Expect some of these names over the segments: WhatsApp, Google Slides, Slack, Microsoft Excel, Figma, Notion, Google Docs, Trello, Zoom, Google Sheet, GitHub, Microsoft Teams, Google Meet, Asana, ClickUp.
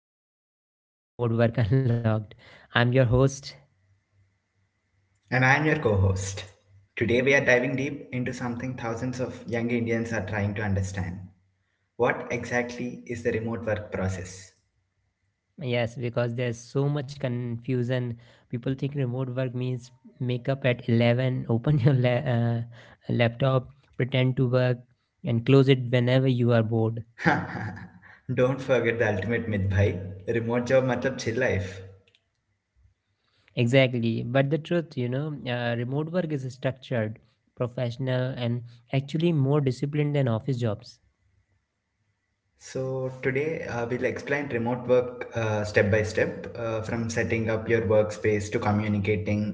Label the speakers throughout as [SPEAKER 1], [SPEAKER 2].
[SPEAKER 1] everyone. You're listening to Remote Work Unlocked. I'm your host.
[SPEAKER 2] And I'm your co host. Today we are diving deep into something thousands of young Indians are trying to understand. What exactly is the remote work process?
[SPEAKER 1] Yes, because there's so much confusion. People think remote work means make up at 11, open your laptop, pretend to work, and close it whenever you are bored.
[SPEAKER 2] Don't forget the ultimate myth, bhai. Remote job matlab chill life.
[SPEAKER 1] Exactly. But the truth, remote work is structured, professional, and actually more disciplined than office jobs.
[SPEAKER 2] So today we'll explain remote work step by step from setting up your workspace to communicating,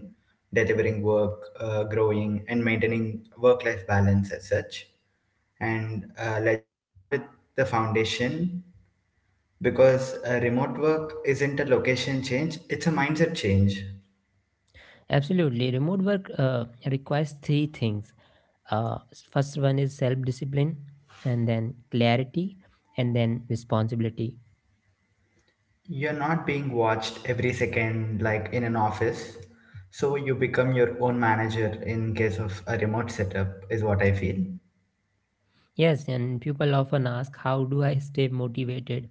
[SPEAKER 2] delivering work, growing and maintaining work life balance as such and let's start with the foundation. Because remote work isn't a location change, it's a mindset change.
[SPEAKER 1] Absolutely. Remote work requires three things, uh, first one is self discipline, and then clarity, and then responsibility.
[SPEAKER 2] You're not being watched every second like in an office. So you become your own manager in case of a remote setup, is what I feel.
[SPEAKER 1] Yes, and people often ask, how do I stay motivated?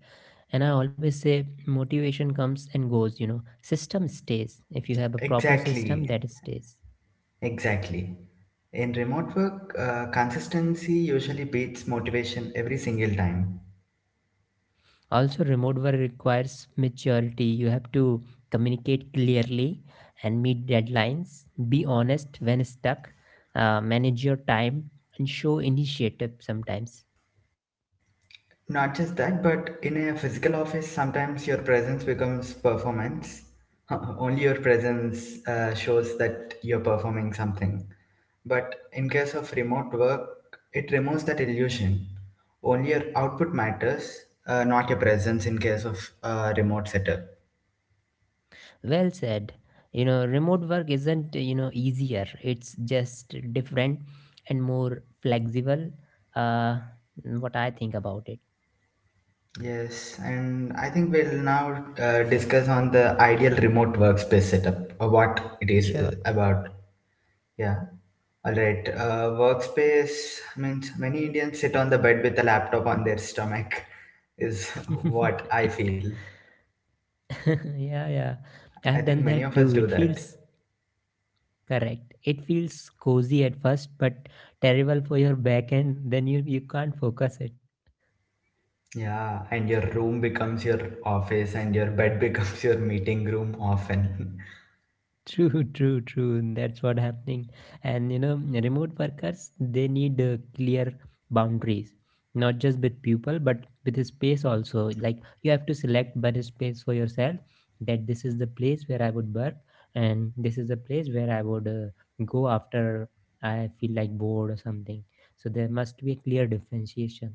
[SPEAKER 1] And I always say motivation comes and goes. System stays. If you have a proper system,
[SPEAKER 2] Exactly,
[SPEAKER 1] that stays.
[SPEAKER 2] exactly. In remote work, consistency usually beats motivation every single time.
[SPEAKER 1] Also, remote work requires maturity. You have to communicate clearly and meet deadlines, be honest when stuck, manage your time, and show initiative sometimes.
[SPEAKER 2] Not just that, but in a physical office, sometimes your presence becomes performance. Only your presence shows that you're performing something. But in case of remote work, it removes that illusion. Only your output matters, not your presence in case of remote setup.
[SPEAKER 1] Well said. You know, remote work isn't, you know, easier. It's just different and more flexible. Uh, what I think about it.
[SPEAKER 2] Yes, and I think we'll now discuss on the ideal remote workspace setup, what it is
[SPEAKER 1] Sure.
[SPEAKER 2] about. Yeah. All right. Workspace means many Indians sit on the bed with a laptop on their stomach, is what I feel.
[SPEAKER 1] yeah, yeah.
[SPEAKER 2] I
[SPEAKER 1] I've
[SPEAKER 2] think
[SPEAKER 1] done
[SPEAKER 2] many
[SPEAKER 1] that
[SPEAKER 2] of us
[SPEAKER 1] too.
[SPEAKER 2] do
[SPEAKER 1] It
[SPEAKER 2] that.
[SPEAKER 1] feels correct. It feels cozy at first, but terrible for your back end. Then you can't focus it.
[SPEAKER 2] Yeah, and your room becomes your office, and your bed becomes your meeting room often.
[SPEAKER 1] True, true, true. And That's what happening. And you know, remote workers, they need clear boundaries, not just with people, but with the space also. Like, you have to select better space for yourself. That this is the place where I would work, and this is the place where I would go after I feel like bored or something. So there must be a clear differentiation.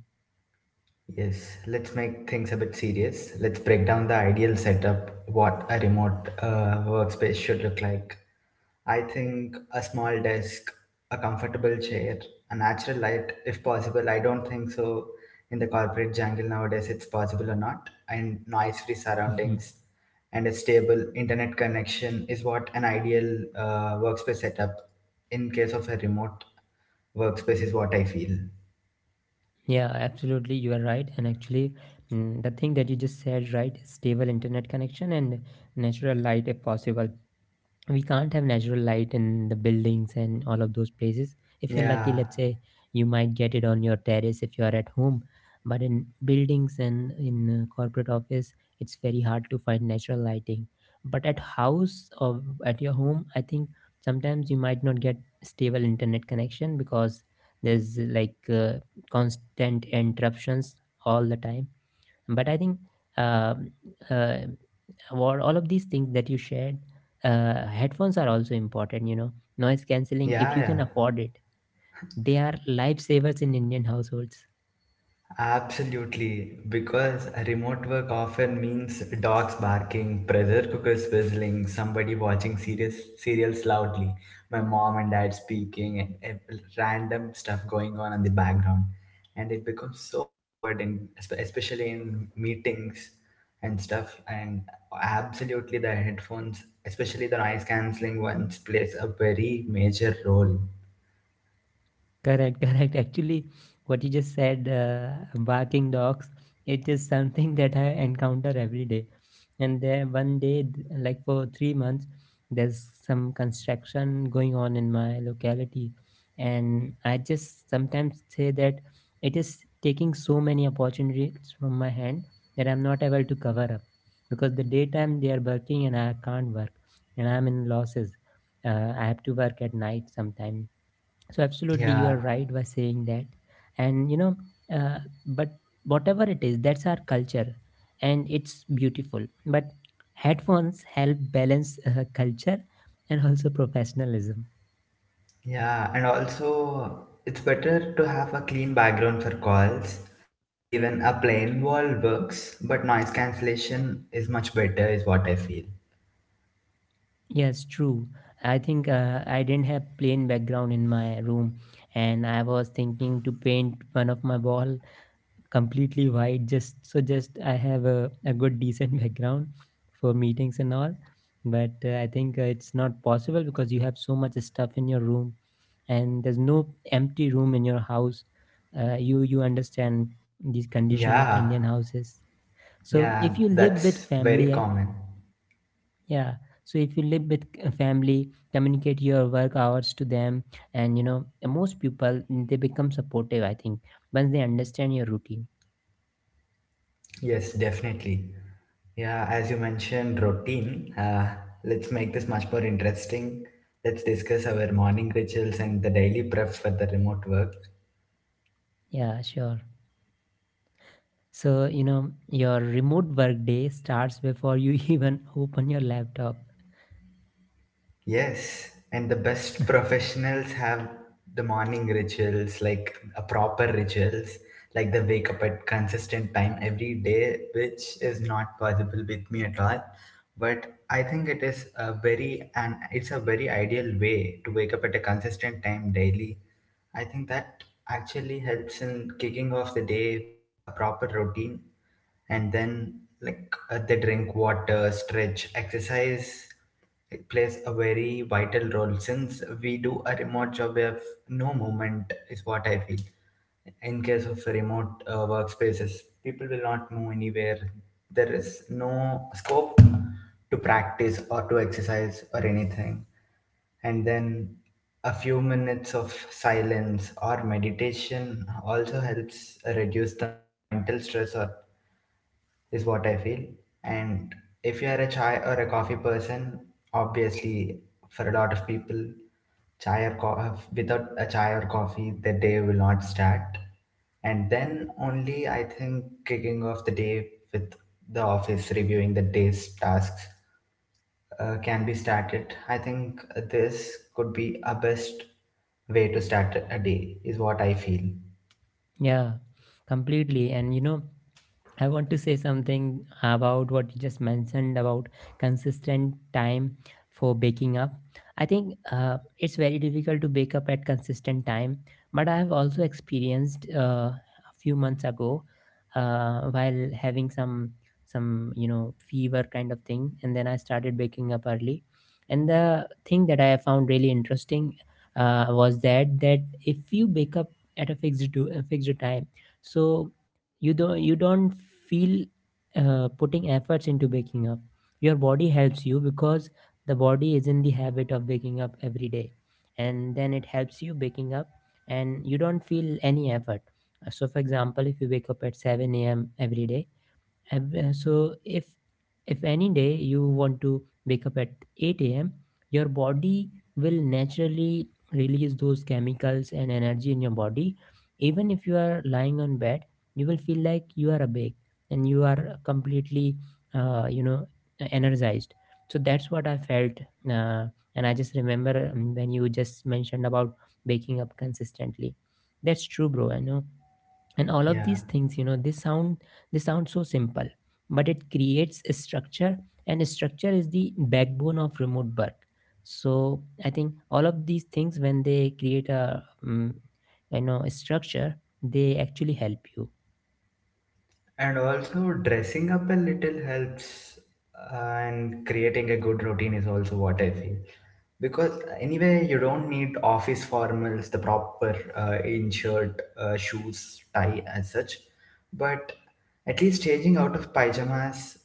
[SPEAKER 2] Yes, let's make things a bit serious. Let's break down the ideal setup, what a remote workspace should look like. I think a small desk, a comfortable chair, a natural light if possible. I don't think so in the corporate jungle nowadays it's possible or not, and noise free surroundings and a stable internet connection is what an ideal workspace setup in case of a remote workspace is what I feel.
[SPEAKER 1] Yeah, absolutely. You are right. And actually, the thing that you just said, right? Stable internet connection and natural light if possible. We can't have natural light in the buildings and all of those places. If you're lucky,
[SPEAKER 2] Yeah,
[SPEAKER 1] let's say, you might get it on your terrace if you are at home, but in buildings and in corporate office, it's very hard to find natural lighting. But at house or at your home, I think sometimes you might not get stable internet connection because there's like constant interruptions all the time. But I think, um, uh, for all of these things that you shared, uh, headphones are also important, you know, noise cancelling if
[SPEAKER 2] yeah,
[SPEAKER 1] you
[SPEAKER 2] yeah.
[SPEAKER 1] can afford it. They are lifesavers in Indian households.
[SPEAKER 2] Absolutely, because remote work often means dogs barking, pressure cookers whistling, somebody watching serious serials loudly, my mom and dad speaking, and random stuff going on in the background, and it becomes so awkward, and especially in meetings and stuff. And absolutely, the headphones, especially the noise canceling ones, plays a very major role.
[SPEAKER 1] Correct, correct. Actually, what you just said, barking dogs, it is something that I encounter every day. And there, one day, like for 3 months, there's some construction going on in my locality. And I just sometimes say that it is taking so many opportunities from my hand that I'm not able to cover up because the daytime they are working and I can't work and I'm in losses. I have to work at night sometime, so absolutely, you
[SPEAKER 2] Yeah.
[SPEAKER 1] are right by saying that. And you know, uh, but whatever it is, that's our culture, and it's beautiful. But headphones help balance culture and also professionalism.
[SPEAKER 2] Yeah, and also it's better to have a clean background for calls. Even a plain wall works, but noise cancellation is much better, is what I feel.
[SPEAKER 1] Yes, true. I think I didn't have plain background in my room, and I was thinking to paint one of my wall completely white just so just I have a good decent background for meetings and all. But I think it's not possible because you have so much stuff in your room and there's no empty room in your house. Uh, you understand this condition of
[SPEAKER 2] Yeah,
[SPEAKER 1] Indian houses. So
[SPEAKER 2] yeah,
[SPEAKER 1] if you live with
[SPEAKER 2] that's very
[SPEAKER 1] family,
[SPEAKER 2] common.
[SPEAKER 1] yeah. So if you live with family, communicate your work hours to them. And you know, most people, they become supportive, I think, once they understand your routine.
[SPEAKER 2] Yes, definitely. Yeah, as you mentioned, routine. Let's make this much more interesting. Let's discuss our morning rituals and the daily prep for the remote work.
[SPEAKER 1] Yeah, sure. So, you know, your remote work day starts before you even open your laptop.
[SPEAKER 2] Yes, and the best professionals have the morning rituals, like a proper rituals, like they wake up at consistent time every day, which is not possible with me at all. But I think it is a very and it's a very ideal way to wake up at a consistent time daily. I think that actually helps in kicking off the day with a proper routine, and then like they drink water, stretch, exercise. It plays a very vital role since we do a remote job we have no movement is what I feel in case of remote workspaces. People will not move anywhere, there is no scope to practice or to exercise or anything. And then a few minutes of silence or meditation also helps reduce the mental stress or is what I feel. And if you are a chai or a coffee person, obviously, for a lot of people, without a chai or coffee, the day will not start. And then only I think kicking off the day with the office reviewing the day's tasks can be started. I think this could be a best way to start a day, is what I feel.
[SPEAKER 1] Yeah, completely. And, you know, I want to say something about what you just mentioned about consistent time for waking up. I think it's very difficult to wake up at consistent time, but I have also experienced a few months ago while having some, you know, fever kind of thing, and then I started waking up early. And the thing that I found really interesting, was that if you wake up at a fixed time, so you don't feel putting efforts into waking up. Your body helps you because the body is in the habit of waking up every day, and then it helps you waking up, and you don't feel any effort. So for example, if you wake up at 7 a.m every day. So if any day you want to wake up at 8 a.m., your body will naturally release those chemicals and energy in your body. Even if you are lying on bed, you will feel like you are awake and you are completely, uh, you know, energized. So that's what I felt, uh, and I just remember, when you just mentioned about waking up consistently. That's true, bro. I know. And all of
[SPEAKER 2] Yeah.
[SPEAKER 1] these things, you know, they sound so simple, but it creates a structure, and structure is the backbone of remote work. So I think all of these things, when they create a, um, you know, a structure, they actually help you.
[SPEAKER 2] And also, dressing up a little helps, and creating a good routine is also what I feel. Because anyway, you don't need office formals, the proper in shirt, shoes, tie, as such. But at least changing out of pajamas,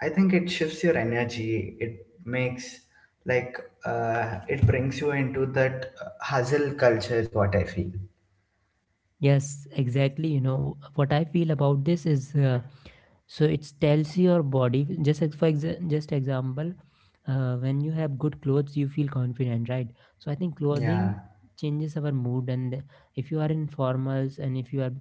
[SPEAKER 2] I think it shifts your energy. It makes like it brings you into that hustle culture is what I feel.
[SPEAKER 1] Yes, exactly. You know, what I feel about this is so it tells your body just just example, when you have good clothes, you feel confident, right? So I think
[SPEAKER 2] Yeah.
[SPEAKER 1] clothing changes our mood. And if you are,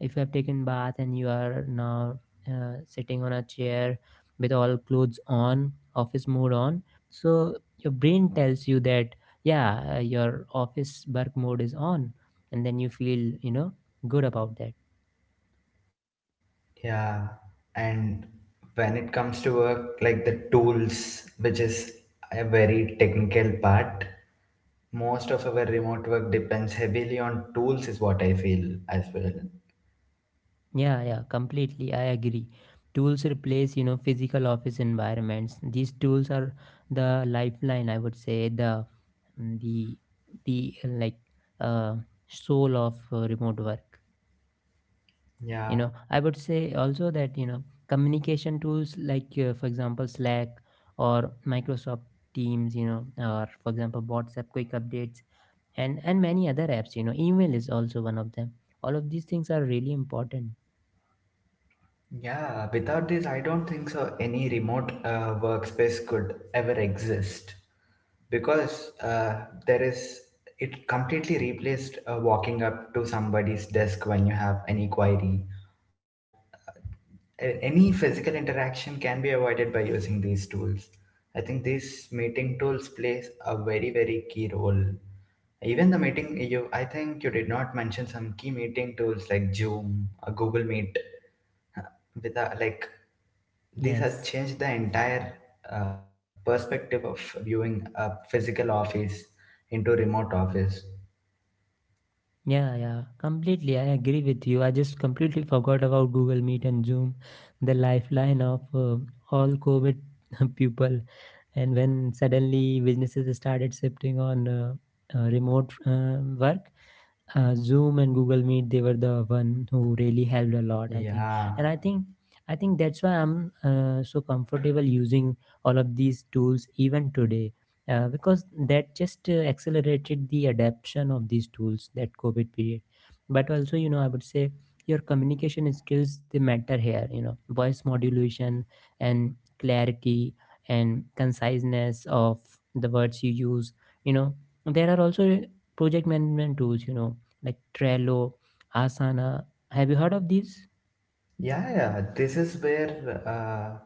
[SPEAKER 1] if you have taken bath and you are now sitting on a chair with all clothes on, office mode on, so your brain tells you that, yeah, your office work mode is on, and then you feel, you know, good about that.
[SPEAKER 2] Yeah, and when it comes to work, like the tools, which is a very technical part, most of our remote work depends heavily on tools, is what I feel as well.
[SPEAKER 1] Yeah, yeah, completely, I agree. Tools replace, you know, physical office environments. These tools are the lifeline, I would say, the the like uh, soul of remote work. You
[SPEAKER 2] Yeah,
[SPEAKER 1] know, I would say also that, you know, communication tools like, for example, Slack, or Microsoft Teams, you know, or for example WhatsApp, quick updates, and many other apps, you know, email is also one of them. All of these things are really important.
[SPEAKER 2] yeah, without this, I don't think so any remote workspace could ever exist because there is it completely replaced walking up to somebody's desk when you have any query or any physical interaction can be avoided by using these tools. I think these meeting tools plays a very very key role. Even the meeting you, I think you did not mention some key meeting tools like Zoom, a Google Meet. With a, like these have
[SPEAKER 1] Yes.
[SPEAKER 2] changed the entire uh, perspective of viewing a physical office into remote office.
[SPEAKER 1] Yeah, yeah, completely, I agree with you. I just completely forgot about Google Meet and Zoom, the lifeline of all COVID people, and when suddenly businesses started shifting on remote work. Uh, Zoom and Google Meet, they were the one who really helped a lot, I think.
[SPEAKER 2] Yeah.
[SPEAKER 1] And I think that's why I'm so comfortable using all of these tools even today, because that just accelerated the adaption of these tools, that COVID period. But also, you know, I would say your communication skills, they matter here. You know, voice modulation and clarity and conciseness of the words you use. You know, there are also project management tools. You know, like Trello, Asana. Have you heard of these?
[SPEAKER 2] Yeah, yeah. This is where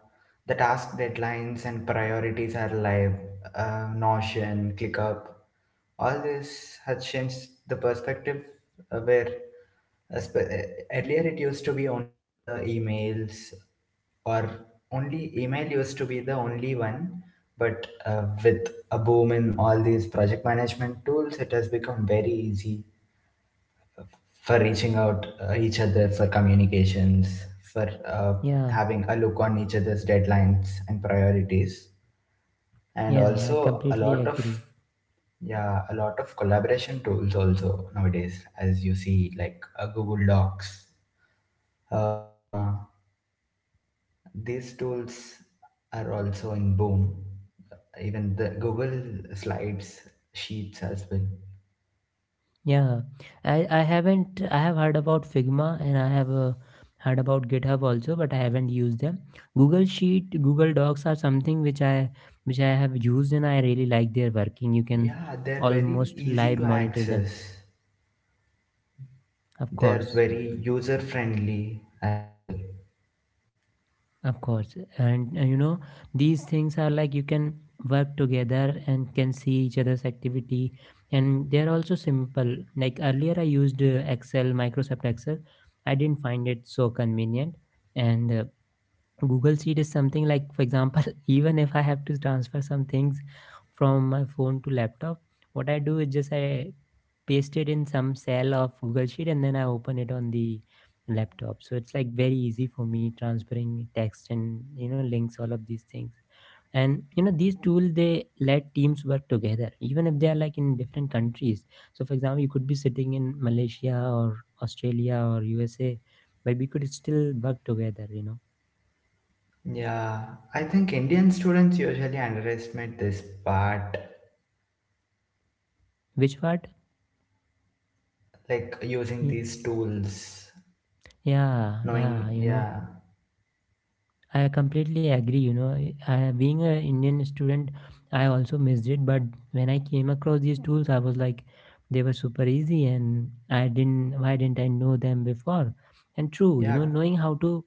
[SPEAKER 2] the task deadlines and priorities are live. Notion, ClickUp, all this has changed the perspective uh, where uh, sp- uh, earlier it used to be only the emails or only email used to be the only one. But with a boom in all these project management tools, it has become very easy for reaching out each other for communications, for
[SPEAKER 1] Yeah,
[SPEAKER 2] having a look on each other's deadlines and priorities, and
[SPEAKER 1] yeah, I
[SPEAKER 2] also a
[SPEAKER 1] completely
[SPEAKER 2] lot of
[SPEAKER 1] agree.
[SPEAKER 2] yeah, a lot of collaboration tools also nowadays, as you see, like Google Docs, Figma. These tools are also in boom. Even the Google Slides sheets as well.
[SPEAKER 1] Yeah, I haven't, I have heard about Figma, and I have heard about GitHub also, but I haven't used them. Google Sheet, Google Docs are something which which I have used, and I really like their working. You can
[SPEAKER 2] Yeah, they're very
[SPEAKER 1] almost
[SPEAKER 2] easy
[SPEAKER 1] live
[SPEAKER 2] to
[SPEAKER 1] monitor them,
[SPEAKER 2] access.
[SPEAKER 1] of
[SPEAKER 2] They're
[SPEAKER 1] course.
[SPEAKER 2] very user friendly as well.
[SPEAKER 1] Of course. And you know, these things are like, you can work together and can see each other's activity. And they're also simple. Like earlier, I used Excel, Microsoft Excel. I didn't find it so convenient. And Google Sheet is something like, for example, even if I have to transfer some things from my phone to laptop, what I do is just I paste it in some cell of Google Sheet, and then I open it on the laptop. So it's like very easy for me transferring text and, you know, links, all of these things. And you know, these tools, they let teams work together, even if they are like in different countries. So for example, you could be sitting in Malaysia or Australia or USA, but we could still work together. You know.
[SPEAKER 2] Yeah, I think Indian students usually underestimate this part,
[SPEAKER 1] Which part?
[SPEAKER 2] like using
[SPEAKER 1] Y-
[SPEAKER 2] these tools,
[SPEAKER 1] Yeah,
[SPEAKER 2] knowing,
[SPEAKER 1] yeah, you know,
[SPEAKER 2] yeah,
[SPEAKER 1] I completely agree. You know, I, being a Indian student, I also missed it. But when I came across these tools, I was like, they were super easy, and I didn't. Why didn't I know them before? And true, you
[SPEAKER 2] yeah,
[SPEAKER 1] know,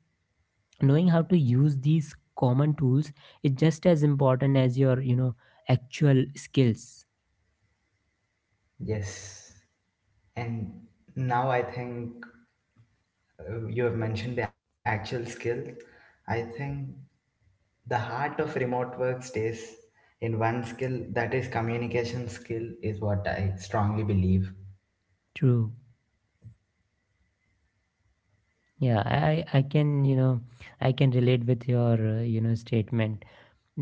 [SPEAKER 1] knowing how to use these common tools is just as important as your, you know, actual skills.
[SPEAKER 2] yes. And now I think you have mentioned the actual skill. I think the heart of remote work stays in one skill, that is communication skill, is what I strongly believe.
[SPEAKER 1] True. Yeah, I I can, you know, I can relate with your, you know, statement.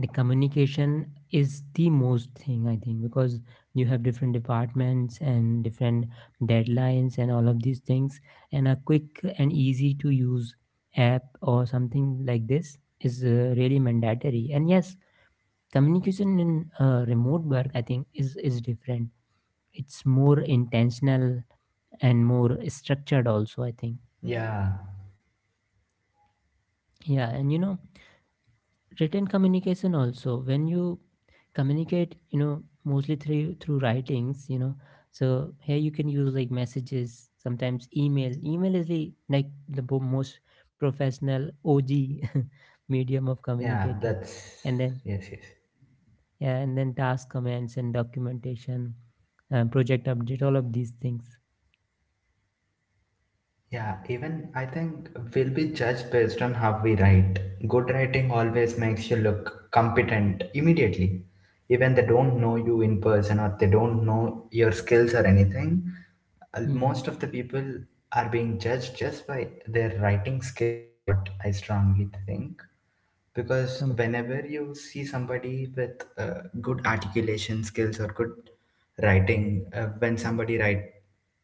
[SPEAKER 1] The communication is the most thing, I think, because you have different departments and different deadlines and all of these things, and a quick and easy to use app or something like this is really mandatory. And yes, communication in remote work, I think, is different. It's more intentional and more structured also, I think.
[SPEAKER 2] Yeah,
[SPEAKER 1] Yeah, and written communication also. When you communicate, you know, mostly through writings, you know. So here you can use like messages, sometimes email. Email is the like the bo- most professional og medium of
[SPEAKER 2] yeah, that's,
[SPEAKER 1] communicating. And
[SPEAKER 2] yes,
[SPEAKER 1] then
[SPEAKER 2] yes.
[SPEAKER 1] yeah, and then task commands and documentation, project update, all of these things.
[SPEAKER 2] Yeah, even I think we'll be judged based on how we write. Good writing always makes you look competent immediately. Even they don't know you in person or they don't know your skills or anything.
[SPEAKER 1] Hmm.
[SPEAKER 2] Most of the people are being judged just by their writing skills, is what I strongly think. Because
[SPEAKER 1] Com-
[SPEAKER 2] whenever you see somebody with good articulation skills or good writing, when somebody write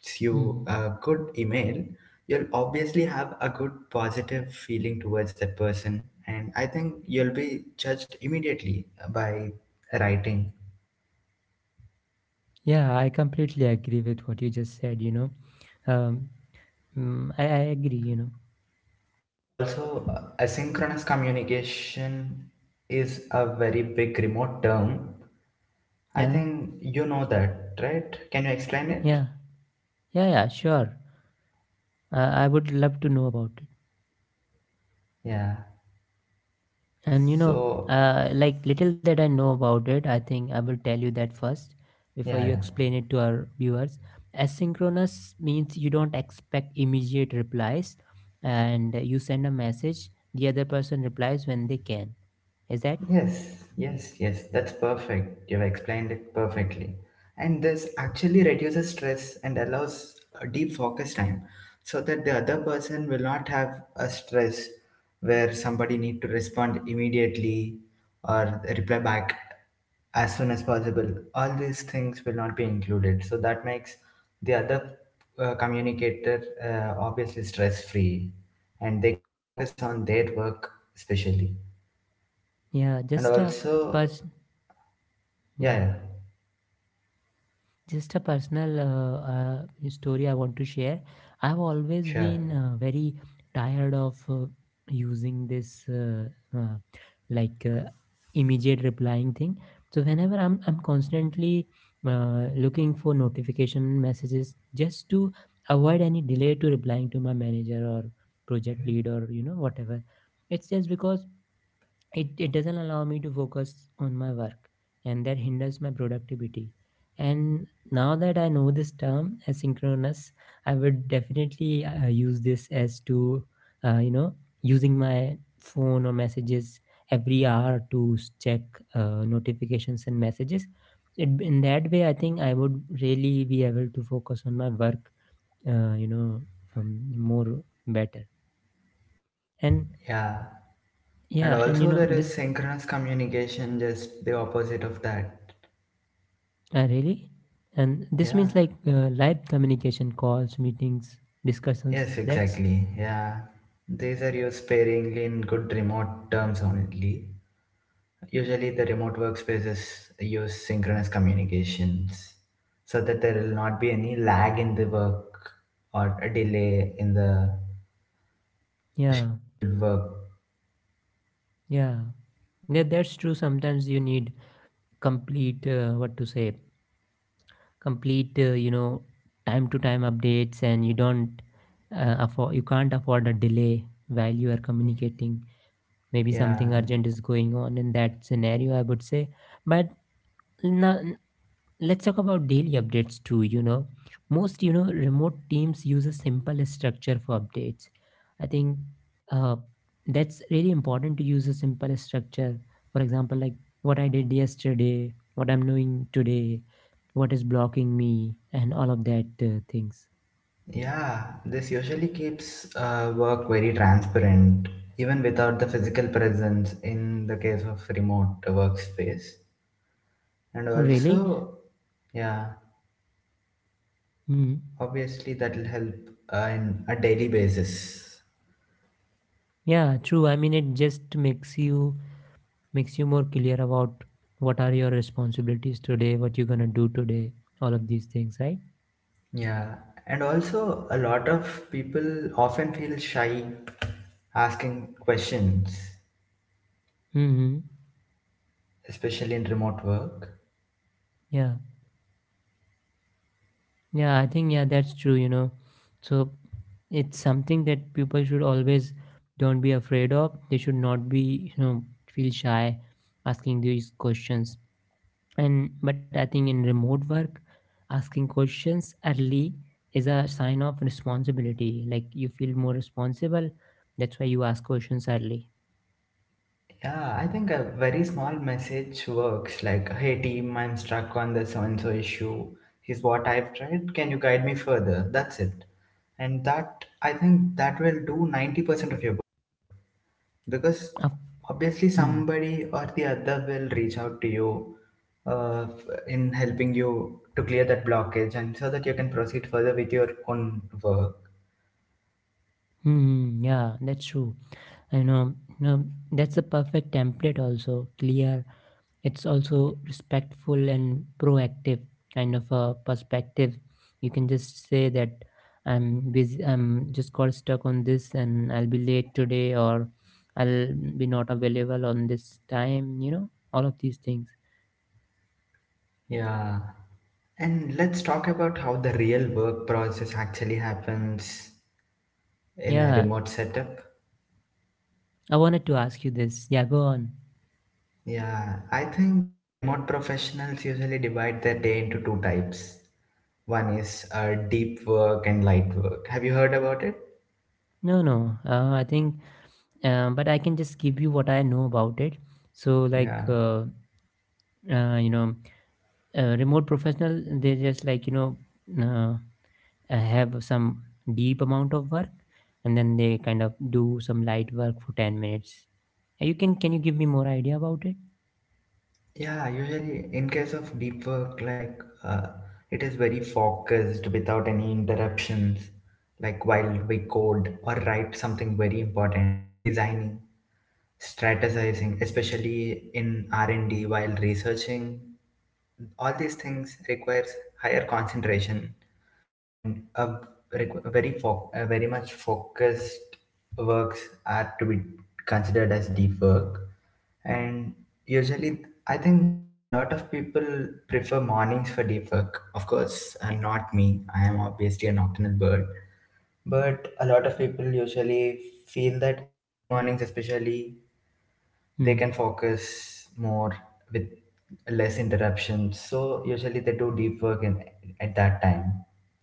[SPEAKER 2] gives you
[SPEAKER 1] hmm.
[SPEAKER 2] a good email, you'll obviously have a good positive feeling towards that person. And I think you'll be judged immediately by writing.
[SPEAKER 1] Yeah, I completely agree with what you just said, you know um, I agree, you know.
[SPEAKER 2] And also, asynchronous communication is a very big remote term. I
[SPEAKER 1] Yeah.
[SPEAKER 2] think you know that, right? Can you explain it?
[SPEAKER 1] Yeah, yeah, yeah, sure. I would love to know about it.
[SPEAKER 2] Yeah.
[SPEAKER 1] And you know,
[SPEAKER 2] So,
[SPEAKER 1] like little that I know about it, I think I will tell you that first before
[SPEAKER 2] yeah. Yeah.
[SPEAKER 1] you explain it to our viewers. Asynchronous means you don't expect immediate replies and you send a message, the other person replies when they can. Is that?
[SPEAKER 2] Yes, yes, yes, that's perfect. You've explained it perfectly. And this actually reduces stress and allows a deep focus time so that the other person will not have a stress where somebody need to respond immediately or reply back as soon as possible. All these things will not be included. So that makes the other communicator obviously stress free and they can focus on their work especially.
[SPEAKER 1] Yeah,
[SPEAKER 2] And
[SPEAKER 1] just a
[SPEAKER 2] also,
[SPEAKER 1] person.
[SPEAKER 2] yeah,
[SPEAKER 1] Yeah.
[SPEAKER 2] yeah.
[SPEAKER 1] Just a personal story I want to share. I've always
[SPEAKER 2] Sure.
[SPEAKER 1] been very tired of using this uh, like uh, immediate replying thing. So whenever I'm constantly looking for notification messages just to avoid any delay to replying to my manager or project lead or you know, whatever. It's just because it doesn't allow me to focus on my work, and that hinders my productivity. And now that I know this term asynchronous, I would definitely use this as to uh, you know using my phone or messages every hour to s- check notifications and messages, in that way, I think I would really be able to focus on my work uh, you know more better. And
[SPEAKER 2] Yeah. And
[SPEAKER 1] yeah, and you
[SPEAKER 2] also
[SPEAKER 1] know
[SPEAKER 2] there
[SPEAKER 1] this.
[SPEAKER 2] is synchronous communication, just the opposite of that.
[SPEAKER 1] Really? And this
[SPEAKER 2] Yeah.
[SPEAKER 1] means like live communication, calls, meetings, discussions.
[SPEAKER 2] Yes,
[SPEAKER 1] That's
[SPEAKER 2] exactly. Yeah. These are used sparingly in good remote terms only. Usually the remote workspaces use synchronous communications so that there will not be any lag in the work or a delay in the
[SPEAKER 1] yeah,
[SPEAKER 2] scheduled work.
[SPEAKER 1] yeah. Yeah, that's true. Sometimes you need complete what to say, complete time to time updates, and you don't afford you can't afford a delay while you are communicating. Maybe
[SPEAKER 2] Yeah.
[SPEAKER 1] something urgent is going on in that scenario, I would say. But no, let's talk about daily updates too, you know. Most, you know, remote teams use a simple structure for updates, I think. uh, that's really important to use a simple structure. For example, like what I did yesterday, what I'm doing today, what is blocking me and all of that things.
[SPEAKER 2] Yeah, this usually keeps work very transparent, even without the physical presence in the case of remote workspace. And
[SPEAKER 1] Oh, really.
[SPEAKER 2] also, yeah,
[SPEAKER 1] Hmm.
[SPEAKER 2] obviously that will help in a daily basis.
[SPEAKER 1] Yeah, true. I mean, it just makes you more clear about what are your responsibilities today, what you're gonna do today, all of these things, right.
[SPEAKER 2] Yeah, and also a lot of people often feel shy asking questions,
[SPEAKER 1] Hmm.
[SPEAKER 2] especially in remote work.
[SPEAKER 1] Yeah, yeah, I think yeah, that's true, you know. So it's something that people should always don't be afraid of. They should not be, you know, feel shy asking these questions. And but I think in remote work, asking questions early is a sign of responsibility. Like you feel more responsible. That's why you ask questions early.
[SPEAKER 2] Yeah, I think a very small message works. Like, hey team, I'm stuck on the so and so issue. Here's what I've tried. Can you guide me further? That's it. And that, I think that will do 90% of your work. Because
[SPEAKER 1] Of
[SPEAKER 2] obviously
[SPEAKER 1] hmm,
[SPEAKER 2] somebody or the other will reach out to you uh, in helping you to clear that blockage and so that you can proceed further with your own work.
[SPEAKER 1] hmm, yeah, that's true. I know, you know, that's a perfect template also. Clear, it's also respectful and proactive kind of a perspective. You can just say that I'm busy, I'm just got stuck on this and I'll be late today, or I'll be not available on this time, you know, all of these things.
[SPEAKER 2] Yeah. And let's talk about how the real work process actually happens in a
[SPEAKER 1] Yeah,
[SPEAKER 2] remote setup.
[SPEAKER 1] I wanted to ask you this, yeah, go on.
[SPEAKER 2] Yeah, I think remote professionals usually divide their day into two types. One is deep work and light work. Have you heard about it?
[SPEAKER 1] No no I think but I can just give you what I know about it. So
[SPEAKER 2] Yeah,
[SPEAKER 1] uh, you know remote professional, they just like, you know, uh, have some deep amount of work and then they kind of do some light work for 10 minutes. You can you give me more idea about it.
[SPEAKER 2] yeah, usually in case of deep work, like, uh, it is very focused without any interruptions, like while we code or write something very important, designing, strategizing, especially in R&D, while researching, all these things requires higher concentration, and a a very much focused works are to be considered as deep work. And usually, I think a lot of people prefer mornings for deep work. Of course, not me, I am obviously a nocturnal bird. But a lot of people usually feel that early mornings especially, they
[SPEAKER 1] Hmm.
[SPEAKER 2] can focus more with less interruptions, so usually they do deep work in, at that time.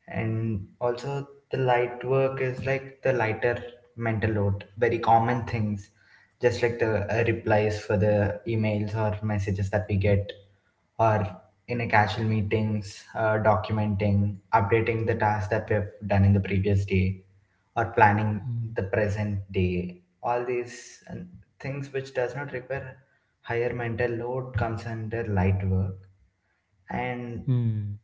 [SPEAKER 2] And also, the light work is like the lighter mental load, very common things, just like the replies for the emails or messages that we get, or in a casual meetings, documenting, updating the tasks that we have done in the previous day, or planning
[SPEAKER 1] Hmm.
[SPEAKER 2] the present day. All these things which does not require higher mental load comes under light work. And
[SPEAKER 1] Hmm.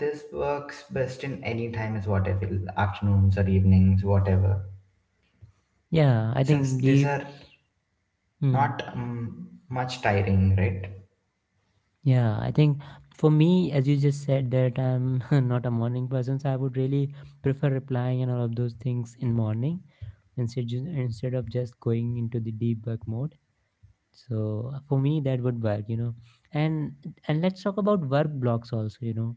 [SPEAKER 2] this works best in any time, is what I feel, afternoons or evenings, whatever.
[SPEAKER 1] Yeah, I
[SPEAKER 2] Since
[SPEAKER 1] think
[SPEAKER 2] these
[SPEAKER 1] deep
[SPEAKER 2] are
[SPEAKER 1] hmm.
[SPEAKER 2] not much tiring, right?
[SPEAKER 1] Yeah, I think for me, as you just said, that I'm not a morning person, so I would really prefer replying and all of those things in morning, instead of just going into the deep work mode. So for me, that would work, you know. And let's talk about work blocks also, you know.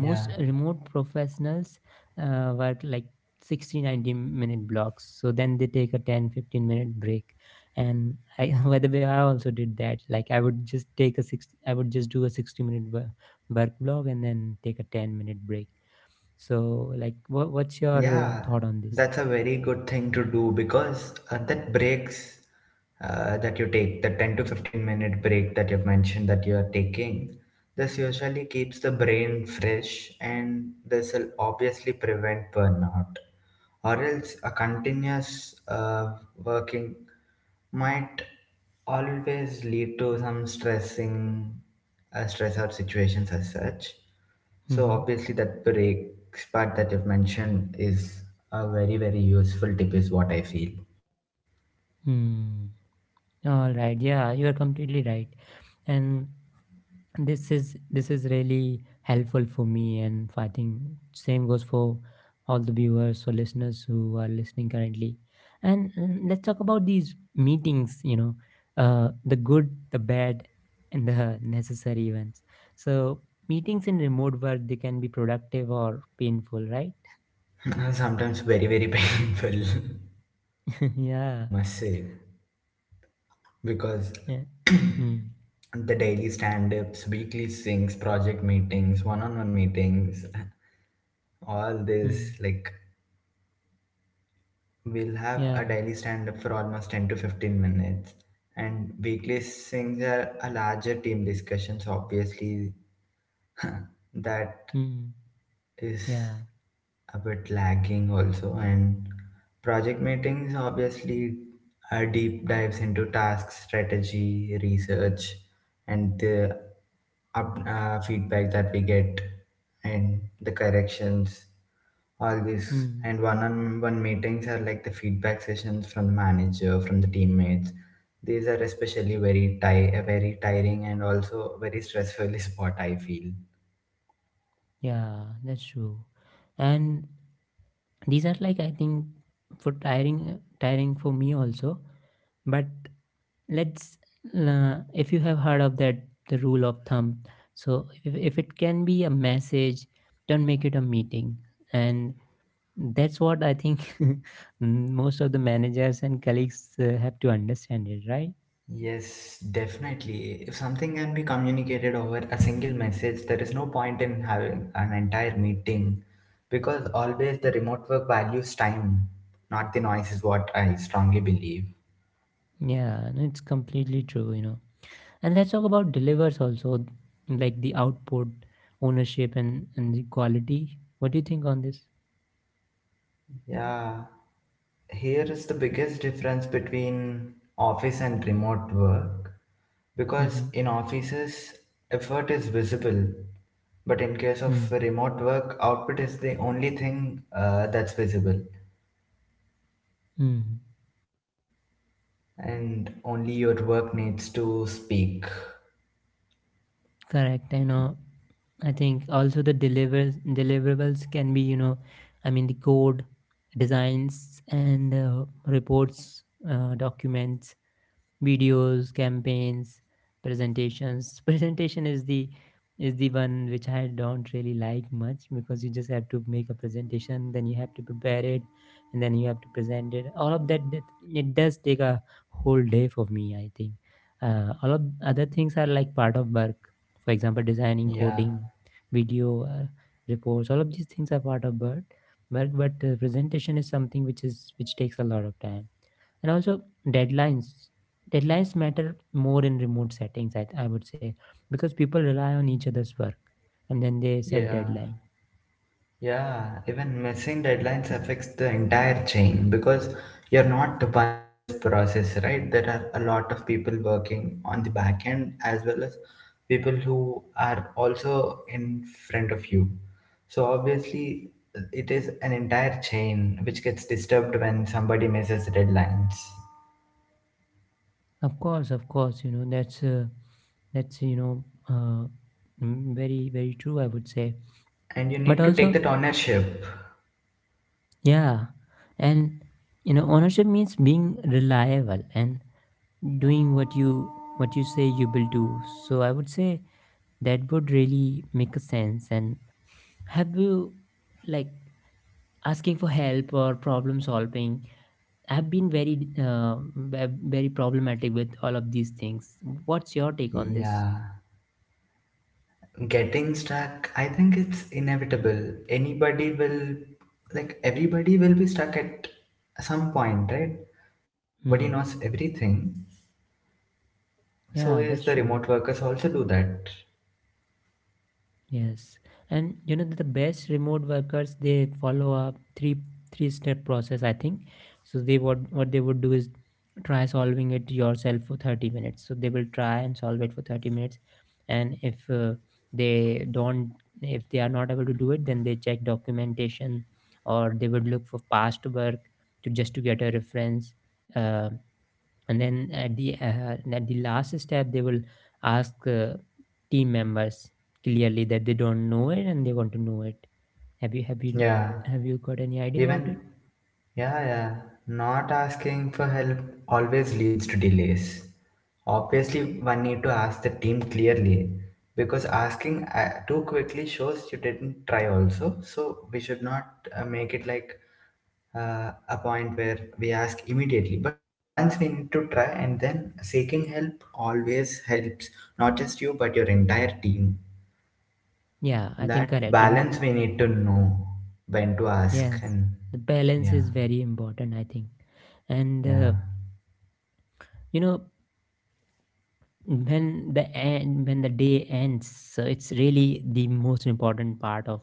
[SPEAKER 2] Yeah.
[SPEAKER 1] Most remote professionals work like 60-90 minute blocks, so then they take a 10-15 minute break. And I by the way, I also did that. Like I would just take a six I would just do a 60-minute wo- work block and then take a 10-minute break. So like what, what's your
[SPEAKER 2] Yeah,
[SPEAKER 1] thought on this.
[SPEAKER 2] that's a very good thing to do, because that breaks that you take, the 10 to 15 minute break that you've mentioned that you are taking, this usually keeps the brain fresh and this will obviously prevent burnout. Or else a continuous working might always lead to some stressing stress or situations as such. So
[SPEAKER 1] Mm-hmm.
[SPEAKER 2] obviously that breaks part that you've mentioned is a very very useful tip is what I feel.
[SPEAKER 1] Hmm. All right, yeah, you are completely right. And this is really helpful for me, and I think same goes for all the viewers or listeners who are listening currently. And mm, let's talk about these meetings, you know. The good, the bad, and the necessary ones. So meetings in remote work, they can be productive or painful, right.
[SPEAKER 2] Sometimes very very painful, I
[SPEAKER 1] Yeah.
[SPEAKER 2] must say, because
[SPEAKER 1] Yeah. Mm.
[SPEAKER 2] the daily stand-ups, weekly syncs, project meetings, one-on-one meetings, all this
[SPEAKER 1] Mm.
[SPEAKER 2] like, we'll have a
[SPEAKER 1] Yeah.
[SPEAKER 2] daily stand up for almost 10 to 15 minutes. And weekly things are a larger team discussions, obviously. That
[SPEAKER 1] Mm.
[SPEAKER 2] is
[SPEAKER 1] Yeah.
[SPEAKER 2] a bit lagging also. And project meetings obviously are deep dives into task strategy research and the feedback that we get and the corrections, all these.
[SPEAKER 1] Mm.
[SPEAKER 2] And one-on-one meetings are like the feedback sessions from the manager, from the teammates. These are especially very tiring and also very stressful is what I feel.
[SPEAKER 1] Yeah, that's true. And these are like, I think, for tiring for me also. But let's if you have heard of that, the rule of thumb. So if it can be a message, don't make it a meeting. And that's what I think. Most of the managers and colleagues have to understand it, right.
[SPEAKER 2] Yes, definitely. If something can be communicated over a single message, there is no point in having an entire meeting, because always the remote work values time, not the noise, is what I strongly believe.
[SPEAKER 1] Yeah, and it's completely true, you know. And let's talk about delivers also, like the output, ownership, and the quality. What do you think on this?
[SPEAKER 2] Yeah, here is the biggest difference between office and remote work, because
[SPEAKER 1] Mm-hmm.
[SPEAKER 2] in offices, effort is visible, but in case
[SPEAKER 1] Hmm.
[SPEAKER 2] of remote work, output is the only thing that's visible.
[SPEAKER 1] Mm,
[SPEAKER 2] And only your work needs to speak.
[SPEAKER 1] correct. You know, I think also the deliverables can be, you know, I mean the code, designs, and reports, documents, videos, campaigns, presentations. Presentation is the one which I don't really like much, because you just have to make a presentation, then you have to prepare it, and then you have to present it, all of that. It does take a whole day for me, I think. All of other things are like part of work. For example, designing,
[SPEAKER 2] Yeah,
[SPEAKER 1] coding, video, reports, all of these things are part of work. But presentation is something which is which takes a lot of time. And also, deadlines deadlines matter more in remote settings, I would say, because people rely on each other's work, and then they set
[SPEAKER 2] yeah,
[SPEAKER 1] deadline.
[SPEAKER 2] yeah. Even missing deadlines affects the entire chain, because you're not the one in this process, right? There are a lot of people working on the back end, as well as people who are also in front of you. So obviously, it is an entire chain which gets disturbed when somebody misses deadlines,
[SPEAKER 1] Of course, of course, you know, that's you know uh, mm, very very true, I would say.
[SPEAKER 2] and you
[SPEAKER 1] But
[SPEAKER 2] need to take
[SPEAKER 1] also
[SPEAKER 2] that ownership.
[SPEAKER 1] yeah. And you know, ownership means being reliable and doing what you say you will do. So I would say that would really make a sense. And have you like asking for help or problem solving, I've been very very problematic with all of these things. What's your take on this?
[SPEAKER 2] Yeah. Getting stuck, I think it's inevitable. Anybody will, like, everybody will be stuck at some point, right? Because nobody
[SPEAKER 1] Hmm.
[SPEAKER 2] knows everything. So,
[SPEAKER 1] Yeah,
[SPEAKER 2] is
[SPEAKER 1] that's
[SPEAKER 2] the
[SPEAKER 1] true.
[SPEAKER 2] remote workers also do that?
[SPEAKER 1] Yes, and you know, the best remote workers, they follow a three step process, I think. So they what they would do is try solving it yourself for 30 minutes. So they will try and solve it for 30 minutes, and if they don't if they are not able to do it, then they check documentation, or they would look for past work to just to get a reference. Um, and then at the last step, they will ask team members clearly that they don't know it and they want to know it. Have you have you
[SPEAKER 2] Yeah.
[SPEAKER 1] have you got any idea about
[SPEAKER 2] Even,
[SPEAKER 1] it?
[SPEAKER 2] yeah, yeah. Not asking for help always leads to delays. Obviously, one need to ask the team clearly, because asking too quickly shows you didn't try also. So, we should not make it like a point where we ask immediately, but once we need to try and then seeking help always helps, not just you but your entire team.
[SPEAKER 1] Yeah, I think
[SPEAKER 2] That
[SPEAKER 1] correct, you know.
[SPEAKER 2] balance we need to know, when to ask
[SPEAKER 1] Yes,
[SPEAKER 2] and
[SPEAKER 1] the balance
[SPEAKER 2] yeah,
[SPEAKER 1] is very important, I think. And
[SPEAKER 2] yeah,
[SPEAKER 1] you know when the end, when the day ends. So it's really the most important part of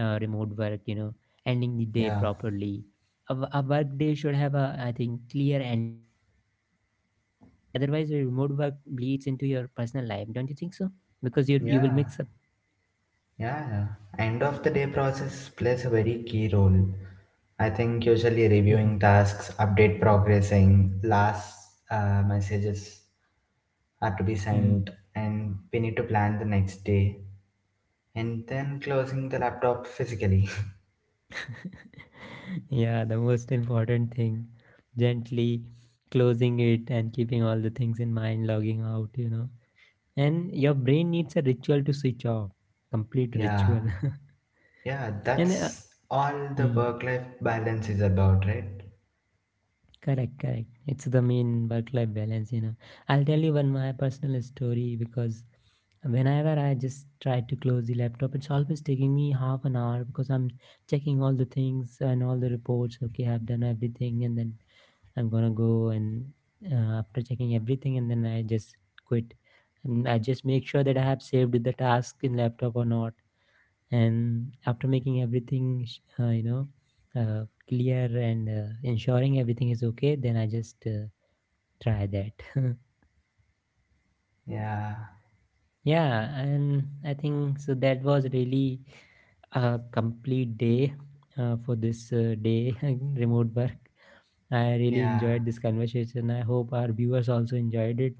[SPEAKER 1] remote work, you know, ending the day
[SPEAKER 2] yeah,
[SPEAKER 1] properly. A work day should have a, I think, clear ending, otherwise the remote work bleeds into your personal life, don't you think so? Because you will mix up.
[SPEAKER 2] yeah. Yeah, end of the day process plays a very key role. I think usually
[SPEAKER 1] Mhm.
[SPEAKER 2] reviewing tasks, update progressing, last messages are to be
[SPEAKER 1] Mhm.
[SPEAKER 2] sent, and we need to plan the next day, and then closing the laptop physically.
[SPEAKER 1] Yeah, the most important thing, gently closing it and keeping all the things in mind, logging out, you know. And your brain needs a ritual to switch off, complete
[SPEAKER 2] Yeah,
[SPEAKER 1] ritual.
[SPEAKER 2] yeah,
[SPEAKER 1] And uh,
[SPEAKER 2] that's all the work life balance is about, right?
[SPEAKER 1] correct, correct. It's the main work-life balance, you know. I'll tell you one my personal story because whenever I just try to close the laptop, it's always taking me half an hour, because I'm checking all the things and all the reports. Okay, I've done everything, and then I'm gonna go, and after checking everything, and then I just quit. And I just make sure that I have saved the task in laptop or not. And after making everything clear, and ensuring everything is okay, then I just try that.
[SPEAKER 2] Yeah,
[SPEAKER 1] Yeah, and I think so that was really a complete day for this day remote work. I really
[SPEAKER 2] yeah.
[SPEAKER 1] enjoyed this conversation, I hope our viewers also enjoyed it.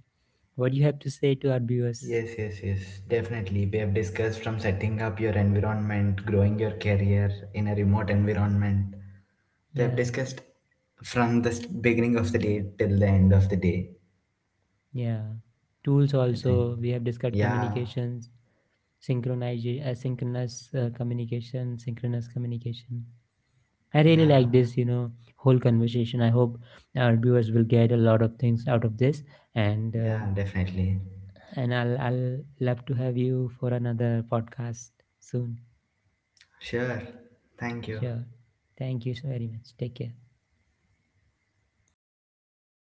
[SPEAKER 1] What do you have to say to our viewers?
[SPEAKER 2] Yes, yes, yes, definitely. We have discussed from setting up your environment, growing your career in a remote environment. We have
[SPEAKER 1] Yeah.
[SPEAKER 2] discussed from the beginning of the day till the end of the day,
[SPEAKER 1] Yeah, tools
[SPEAKER 2] I think.
[SPEAKER 1] also we have discussed,
[SPEAKER 2] Yeah,
[SPEAKER 1] communications, synchronization, asynchronous communication, synchronous communication. I really
[SPEAKER 2] yeah,
[SPEAKER 1] like this, you know, whole conversation. I hope our viewers will get a lot of things out of this, and
[SPEAKER 2] yeah,
[SPEAKER 1] um,
[SPEAKER 2] definitely.
[SPEAKER 1] and I'll love to have you for another podcast soon.
[SPEAKER 2] Sure. Thank you.
[SPEAKER 1] Sure. Thank you so very much. Take care.